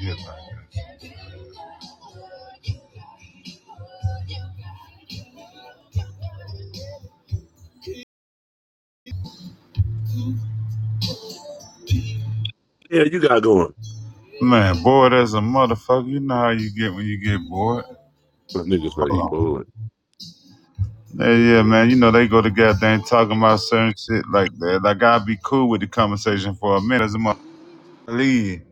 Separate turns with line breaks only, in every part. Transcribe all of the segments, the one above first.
Yeah,
Yeah, you got going.
man, bored as a motherfucker. You know how you get when you get bored.
But niggas better
Hold
eat
on.
bullet.
Yeah, yeah, man. You know they go to goddamn talking about certain shit like that. Like I'd be cool with the conversation for a minute as a motherfucker. leave.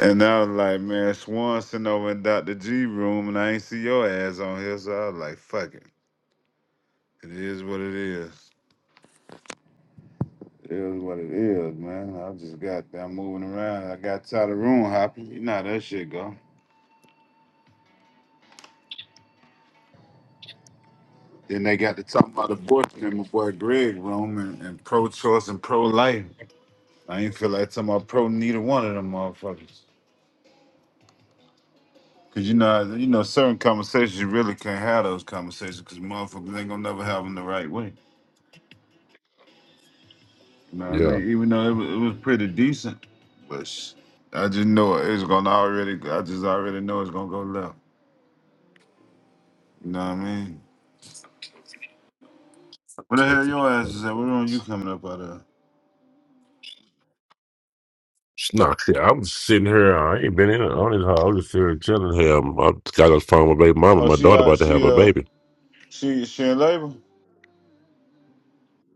And I was like, man, Swanson over in Dr. G room, and I ain't see your ass on here, so I was like, fuck it. It is what it is. It is what it is, man. I just got down moving around. I got tired of room hopping. You know how that shit go. Then they got to talking about abortion in my boy Greg room and, and pro choice and pro life. I ain't feel like talking about pro neither one of them motherfuckers. Cause you know, you know, certain conversations you really can't have those conversations because motherfuckers ain't gonna never have them the right way. You know what I
Yeah.
mean? Even though it was, it was pretty decent, but sh- I just know it's gonna already. I just already know it's gonna go left. You know what I mean? Where the hell your ass is at? Where on you coming up out of?
Nah, shit. I'm sitting here. I ain't been in it. I don't even know. I'm just here chilling here. I'm, I got on the phone with my baby mama.
Oh,
My
she
daughter
uh,
about to have
she
a
uh,
baby.
she she in labor.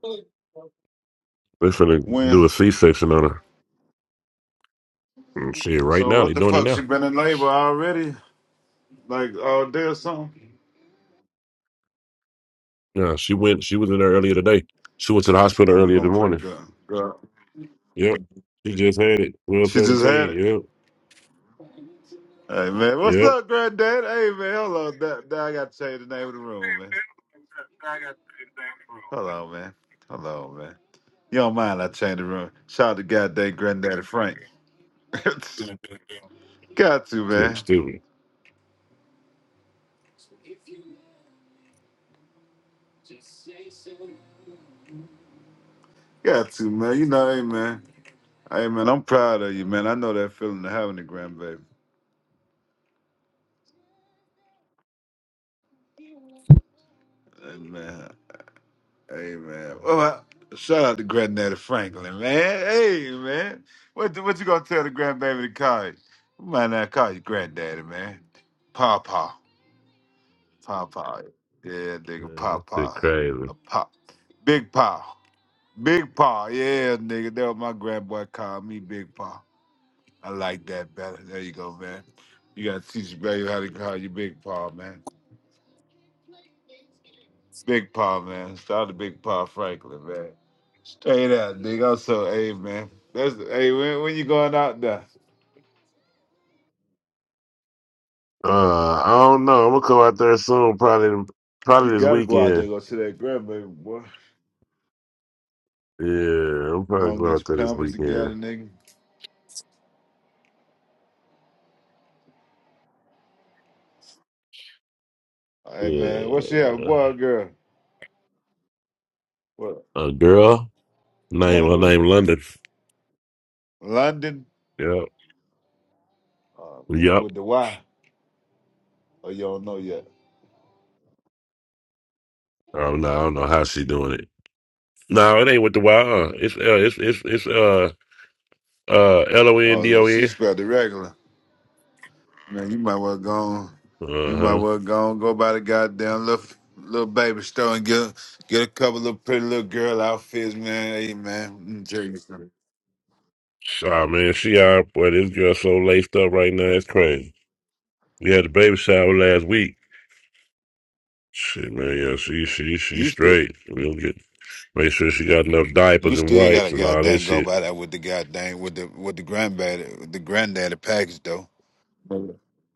They finna
When?
do a C-section on her. And shit, right
So
now
what
they
the
doing it
fuck? She
now.
been in labor already, like all day or something.
Yeah, she went. She was in there earlier today. She went to the hospital
And we
earlier in
gonna
the
pray
morning.
God. God.
Yep. She just had it. Twelve
She just had
seventeen.
it.
Yep.
Hey man, what's
Yep.
up, granddad? Hey man, hold on. That, that- I gotta change the name of the room, man. Hold on, man. Hold on, man. You don't mind I change the room. Shout out to goddamn granddaddy Frank.
This
Got to,
Nigga,
man.
stupid.
Got to, man. You know, hey man. Hey man, I'm proud of you, man. I know that feeling of having a grandbaby. Hey man. Hey man. Well, I- shout out to Granddaddy Franklin, man. Hey man. What what you gonna tell the grandbaby to call you? We might not call you granddaddy, man. Papa. Papa. Yeah, nigga,
Uh, shit,
Papa.
crazy.
A pop. Big Pa. Big Pa. Yeah, nigga. That was my grandboy called me Big Pa. I like that better. There you go, man. You gotta teach your baby how to call you Big Pa, man. Big Paw, man. Shout out to Big Paw Franklin, man. Straight up, nigga. I'm so hey, man. That's hey, when, when you going out there,
Uh, I don't know. I'm gonna come out there soon. Probably,
you
probably this
gotta go out there
weekend.
and go see that grandbaby boy.
Yeah, I'm
Gonna
probably going
get
out
your
there this
pampers
weekend.
together, nigga. Hey man, what's she have?
Yeah,
Boy or girl? What?
a girl name
Name
her
who?
name London.
London?
Yep,
Oh man,
yep.
with the Y. Oh, you don't know yet.
I don't know. I don't know how she doing it. No, it ain't with the Y. Uh. It's uh, it's it's it's uh uh L O
Oh,
N D
look,
O
she
N.
spelled it regular. Man, you might well go on. You
Uh
might
huh.
well go on, go by the goddamn little little baby store and get get a couple little pretty little girl outfits, man. Hey man, Mm, Jerry, you still
Shaw man, she out. Boy, this girl so laced up right now. It's crazy. We had the baby shower last week. Shit, man. Yeah, she she she
you still
straight. We'll get. Make sure she got enough
you
diapers and
still
wipes
gotta
and all that
goddamn go
shit.
by that with the goddamn with the with the granddaddy the granddaddy package though. You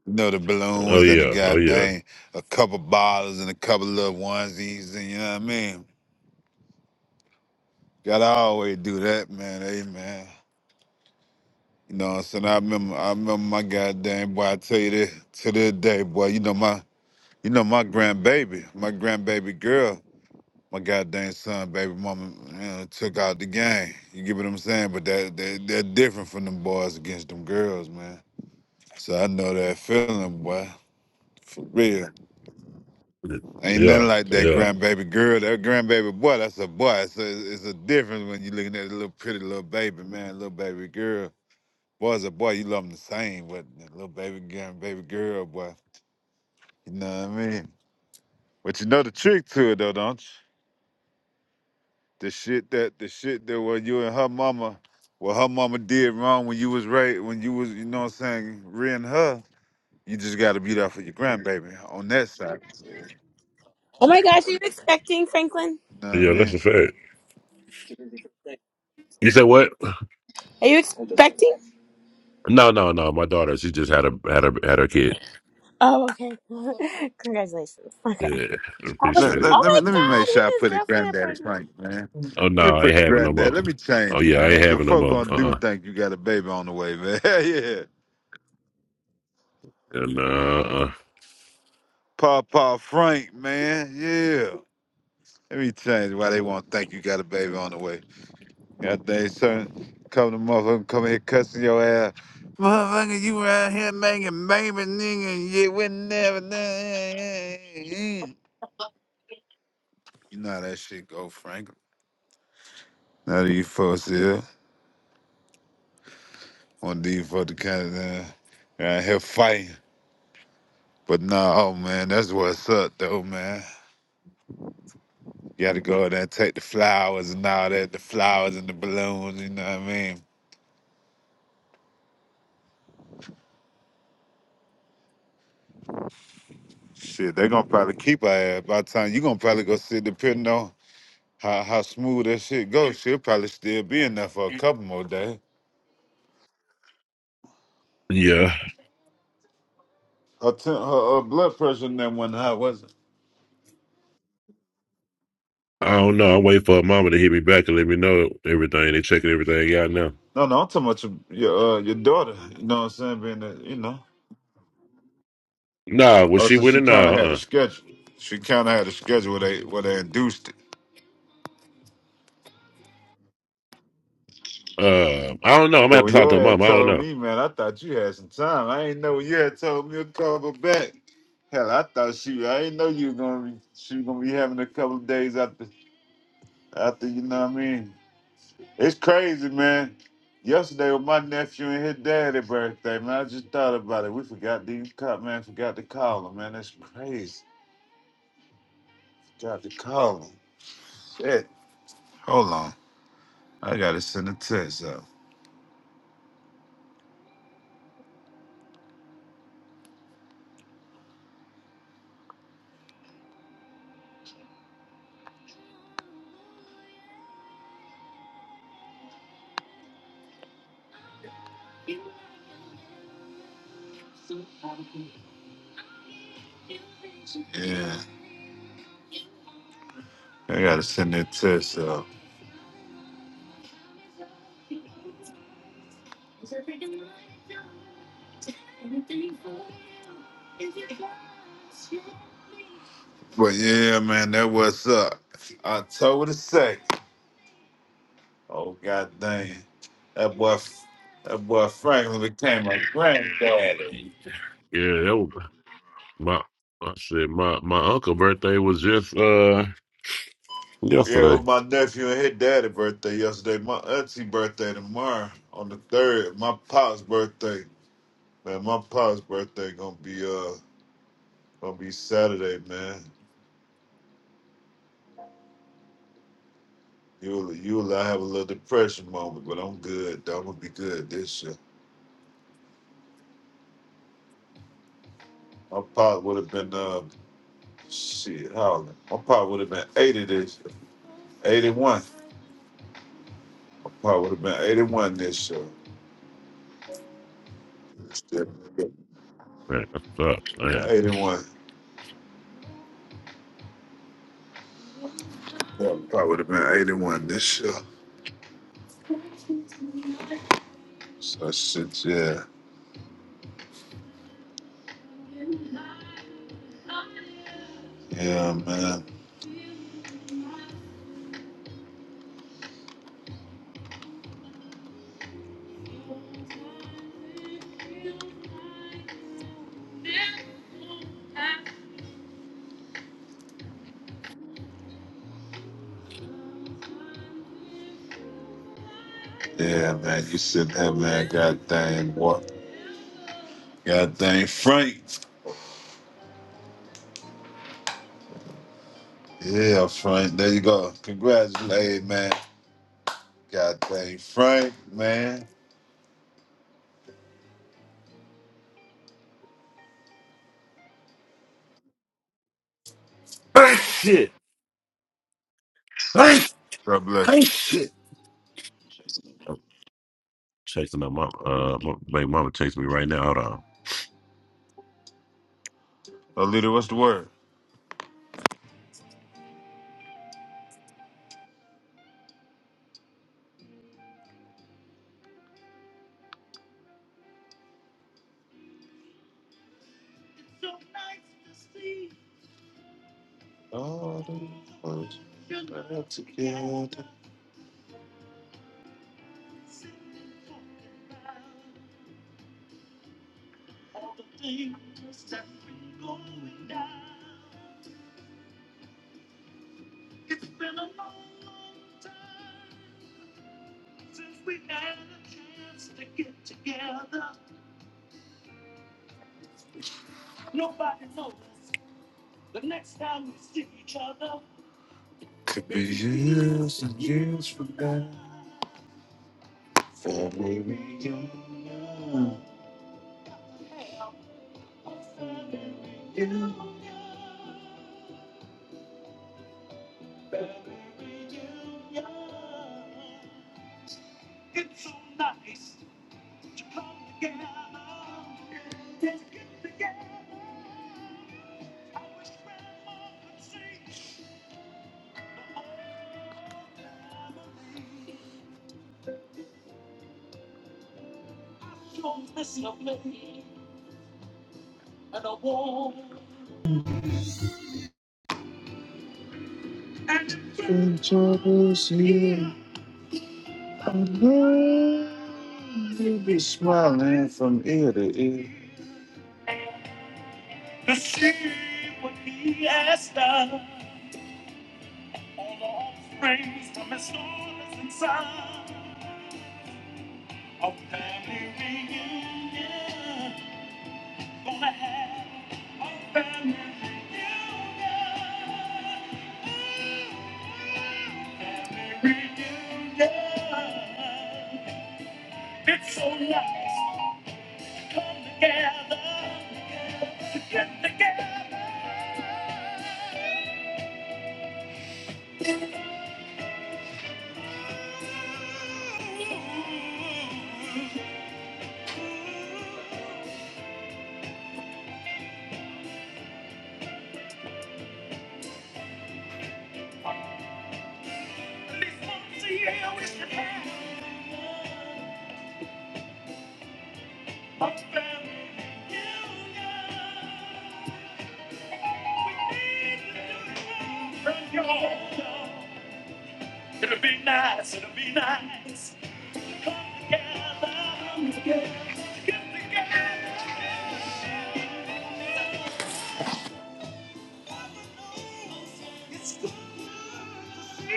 know the
Oh
balloons and the
yeah, oh yeah,
goddamn a couple bottles and a couple little onesies and you know what I mean. Gotta always do that, man. Hey man. You know what I'm saying? I remember I remember my goddamn boy, I tell you this to this day, boy, you know my you know my grandbaby, my grandbaby girl, my goddamn son, baby mama, you know, took out the game. You get what I'm saying? But that they they're different from them boys against them girls, man. So I know that feeling, boy. For real. Ain't
yeah,
nothing like that
yeah,
grandbaby girl. That grandbaby boy, that's a boy. It's a, it's a difference when you looking at a little pretty little baby, man, little baby girl. Boy's a boy, you love him the same, but the little baby girl, baby girl, boy, you know what I mean? But you know the trick to it though, don't you? The shit that the shit that what you and her mama, what her mama did wrong when you was right, when you was, you know what I'm saying, rearing her, you just gotta be there for your grandbaby on that side.
Oh my gosh, are you expecting, Franklin?
You know what I
yeah. That's a
mean?
fact. You said what?
Are you expecting?
No, no, no. My daughter, she just had a had a had her kid.
Oh, okay. Congratulations. Okay.
Yeah, I
I was
Let,
like,
appreciate it.
let,
oh
let
my
me let me make
god, him
sure I
and his
put it
girlfriend are
granddaddy's
pregnant.
right, man.
Oh
Let me
no, I
put
ain't
the
having no
granddad.
more.
Let me
Oh
change it,
yeah, I
man.
ain't
Cause
having no
folk
more.
gonna do
Uh,
think you got a baby on the way, man. yeah.
uh-uh. uh,
Papa Frank, man. Yeah. Let me change why they won't think you got a baby on the way. God dang, son. Come to motherfucker, come here cussing your ass. Motherfucker, you around here making baby nigga and you would never You know how that shit go, Frank. Now these folks here, one of these folks kind of uh, around here fighting. But nah, oh man, that's what's up though, man. You gotta go in there and take the flowers and all that, the flowers and the balloons, you know what I mean? Shit, they gonna probably keep our ass by the time you gonna probably go sit depending on how, how smooth that shit goes. She'll probably still be in there for a couple more days.
Yeah.
Her, t- her, uh blood pressure in that one high, was it?
I don't know. I wait for her mama to hit me back and let me know everything. They checking everything out now.
No, no, I'm talking about your your, uh, your daughter. You know what I'm saying? Being that, you know.
Nah, was
Oh,
she
so she
winning? Nah.
kind of had a
Uh,
schedule. She kind of had a schedule where they where they induced it.
uh, I don't know. I'm gonna
Cause
have to
when
talk to her
your
mom.
ass
I don't
told
know.
me, man, I thought you had some time. I ain't know when you had told me a couple back. Hell, I thought she. I ain't know you were gonna be. She was gonna be having a couple of days after. After you know what I mean. It's crazy, man. Yesterday was my nephew and his daddy birthday, man. I just thought about it. We forgot these cop man, forgot to call him, man. That's crazy. Forgot to call him. Shit. Hold on. I gotta send a text out. Yeah. I gotta send that text out. But yeah, man, that what's up. October the second. Oh god dang. That boy that boy Franklin became my granddaddy.
Yeah, that was my. I said my my uncle birthday was just uh
Yeah, it
yesterday.
was my nephew and his daddy birthday yesterday. My auntie birthday tomorrow on the third. My pop's birthday. Man, my pop's birthday gonna be uh gonna be Saturday, man. You'll you'll I have a little depression moment, but I'm good. though. I'm gonna be good this year. My pop would have been uh shit, how old- my pop would have been eighty this eighty one. My pop would have been eighty one this year. Yeah,
Man, that sucks, man.
Eighty one. Yeah, my pop would have been eighty one this year. So shit, yeah. Yeah, man. Yeah, man. You sitting there, man. God dang what? God dang Frank. Yeah, Frank. There you go. Congratulations, man. God dang Frank, man.
Hey, shit. Hey,
God
hey,
bless.
shit. I'm chasing my mom. Uh, my baby mama chasing me right now. Hold on.
you. Uh, leader, what's the word? All the words put together could be years and years from now. Family reunion, troubles here. You be smiling from ear to ear. A a family family reunion, reunion. gonna to to have a family reunion. Family reunion. It's so nice to come together, together. get together. This one to you, I wish it had much It'll be nice, it'll be nice. Come together, get together. It's good to see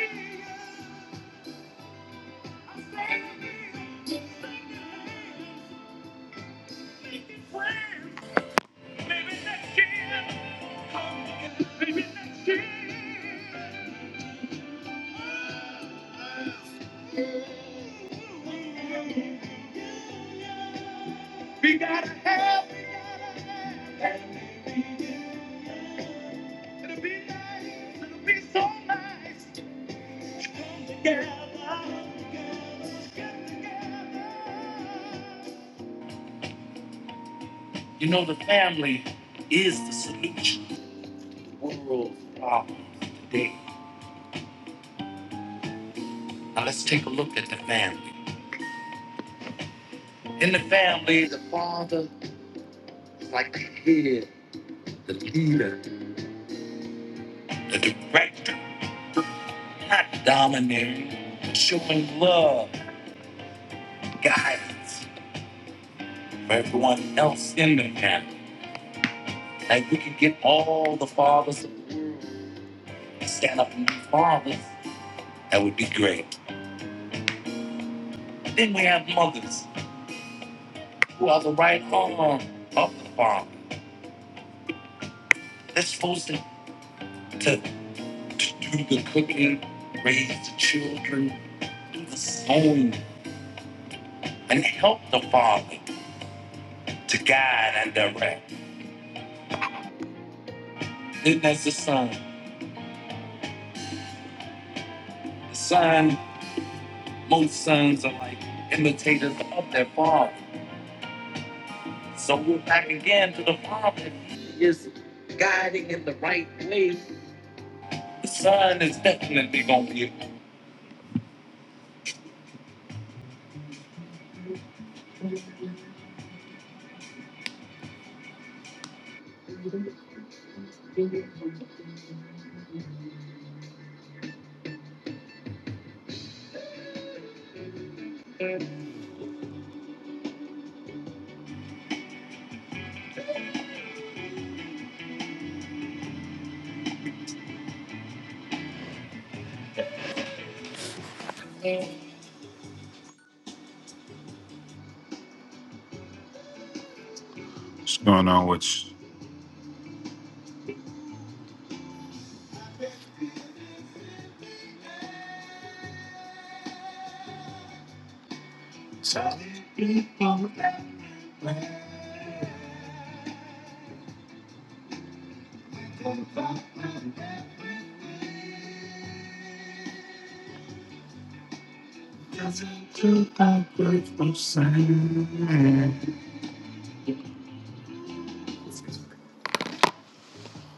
you, baby. You can pray. Maybe next year. Come again. Maybe next year. We gotta have. We gotta have. It'll be nice. It'll be so nice. Come together. Get together. You know, the family is the solution to the world's problem today. Now let's take a look at the family. In the family, the father is like the head, the leader, the director, not domineering, showing love, guidance for everyone else in the family. Like we could get all the fathers of the world and stand up and be fathers, that would be great. And then we have mothers who are the right arm of the father. They're supposed to, to, to do the cooking, raise the children, do the sewing, and help the Father to guide and direct. Then that's the Son. The Son, most sons are like imitators of their Father. So we're back again to the Father. The Son is definitely going to be.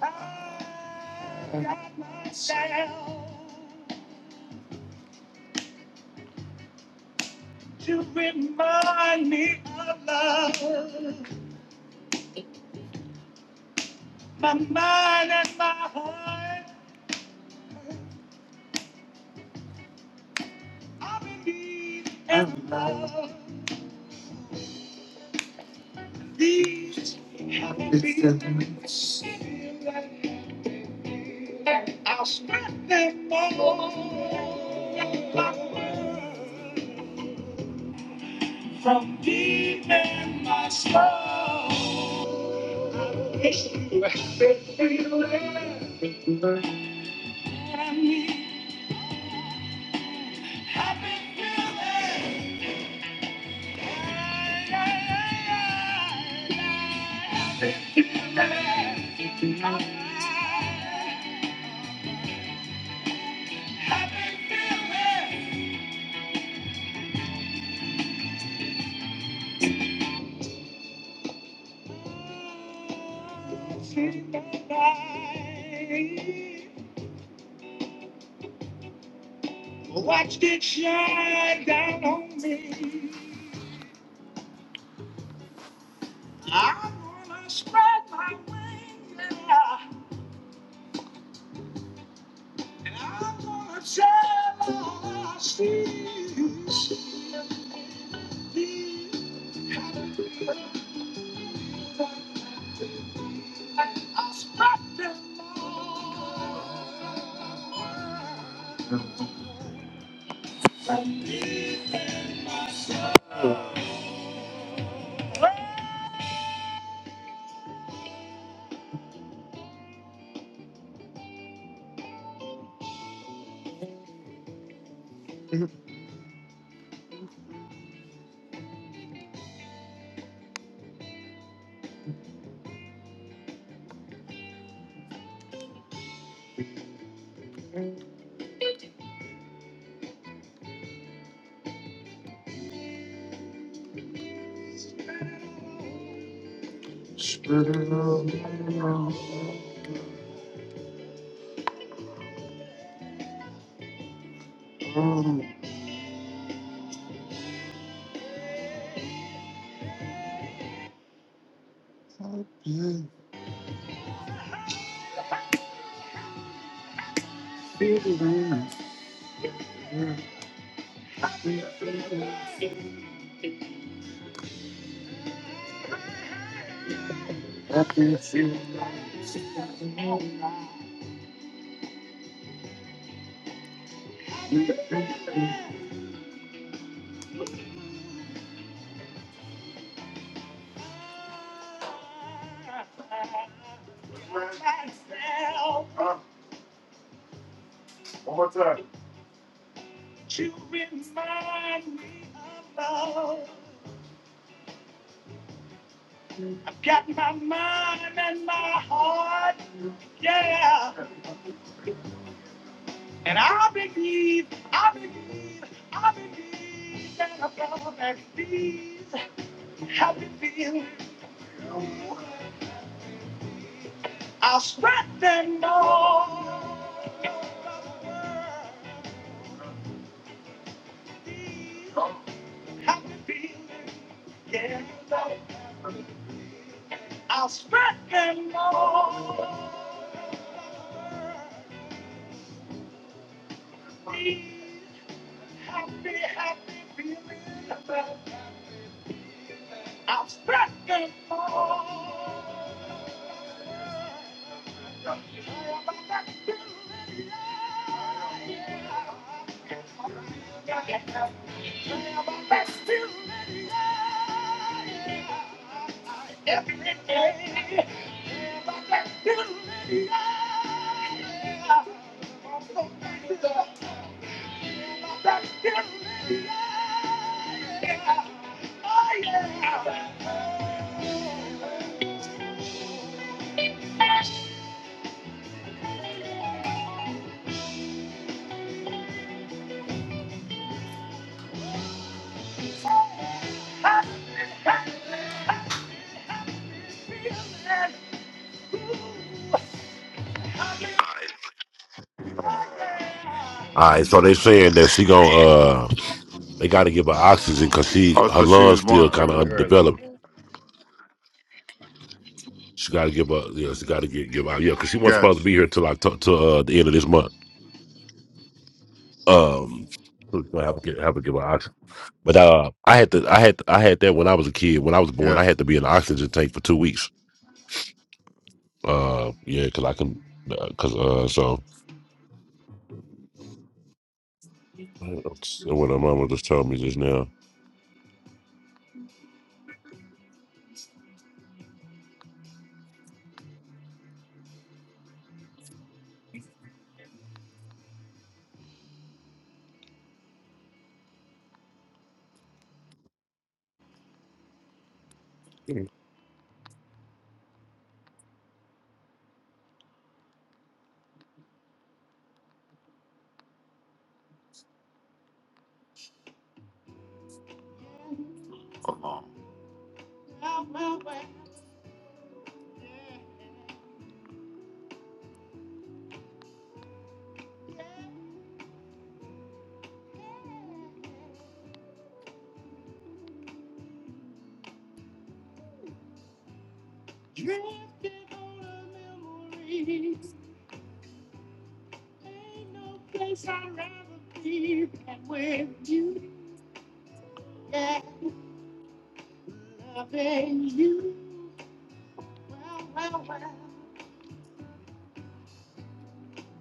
I got myself to remind me of love. My mind and my heart i are in need of love. These happy feelings feel like I'll spread them all from deep in my soul. I mean, happy feelings. Happy feelings. Happy feelings. In the night, Watched it shine down on me. I'm gonna spread my wings, yeah, and I'm gonna tell all I see. I will spread them all. I'm leaving myself. to remind me of love. I've got my mind and my heart, yeah. And I believe, I believe, I believe that above and these happy feelings I'll spread them all. over the world. these Happy feelings, yeah. I'll spread them all. over the Happy, happy feeling. about I'm stressing more. I'm about to feel it, yeah. I'm about to feel it, yeah. Every day, I'm yeah. I'm so happy, about to feel yeah.
All right, so they saying that she gonna uh, they got to give her oxygen because she
Oh,
her
so she was
lungs
born
still kind of
early, early.
underdeveloped. She got to give her, you know, she got to get give out, yeah, because she wasn't supposed
Gotcha.
to be here till like t- till uh, the end of this month. Um, so we gonna have to get, have to give her oxygen. But uh, I had to, I had, I had that when I was a kid. When I was born,
Yeah.
I had to be in an oxygen tank for two weeks. Uh, yeah, because I can, because uh, 'cause, uh, so. So what my mama just told me just now.
Hold on. Ain't no place I'd rather be than with you. Yeah, loving you. Well, well, well.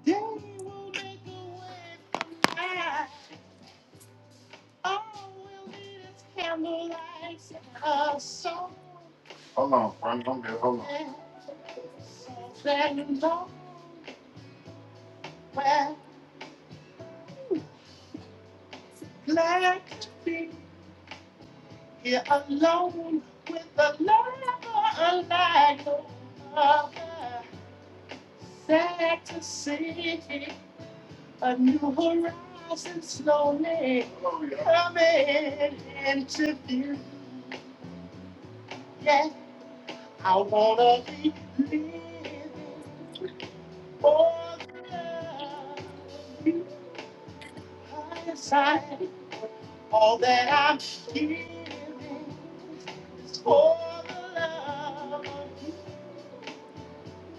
They will make a way from that. All we'll need is candlelight and a song. Oh. And so then nowhere like to be here alone with a lover unlike no other. Sad to see. A new horizon slowly coming into view. Yeah, I wanna be living for the highest side. All that I'm giving is for the love.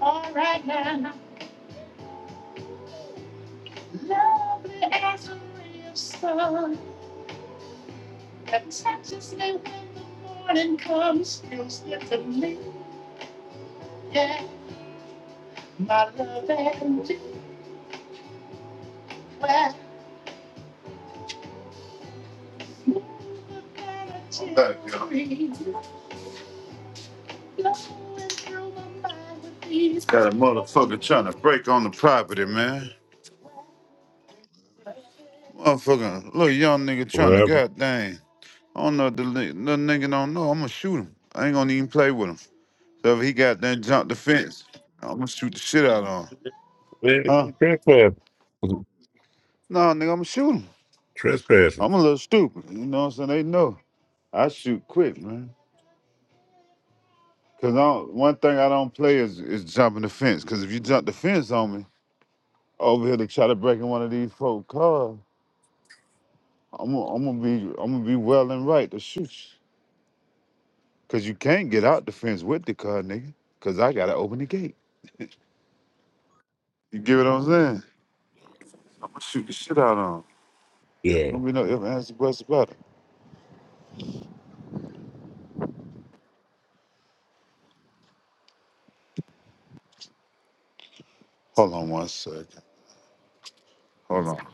All right now, lovely as a real sun that touches me when morning comes. Feels good to me, yeah, my love and Well, Got a motherfucker trying to break on the property, man. Motherfucker, little young nigga trying
What
to
happened?
goddamn. I don't know if the li- little nigga don't know. I'ma shoot him. I ain't gonna even play with him. So if he goddamn jump the fence, I'ma shoot the shit out of him. Huh?
Man, Trespassing.
No, nigga, I'ma shoot him.
Trespassing.
I'm a little stupid. You know what I'm saying? They know. I shoot quick, man. Cause I don't, one thing I don't play is, is jumping the fence. Cause if you jump the fence on me, over here to try to break in one of these folk cars, I'm gonna I'm gonna be I'm gonna be well and right to shoot, you. cause you can't get out the fence with the car, nigga. Cause I gotta open the gate. You get what I'm saying? I'm gonna shoot the shit out of him.
Yeah.
Don't be no if ands buts about it. Hold on one second. Hold on.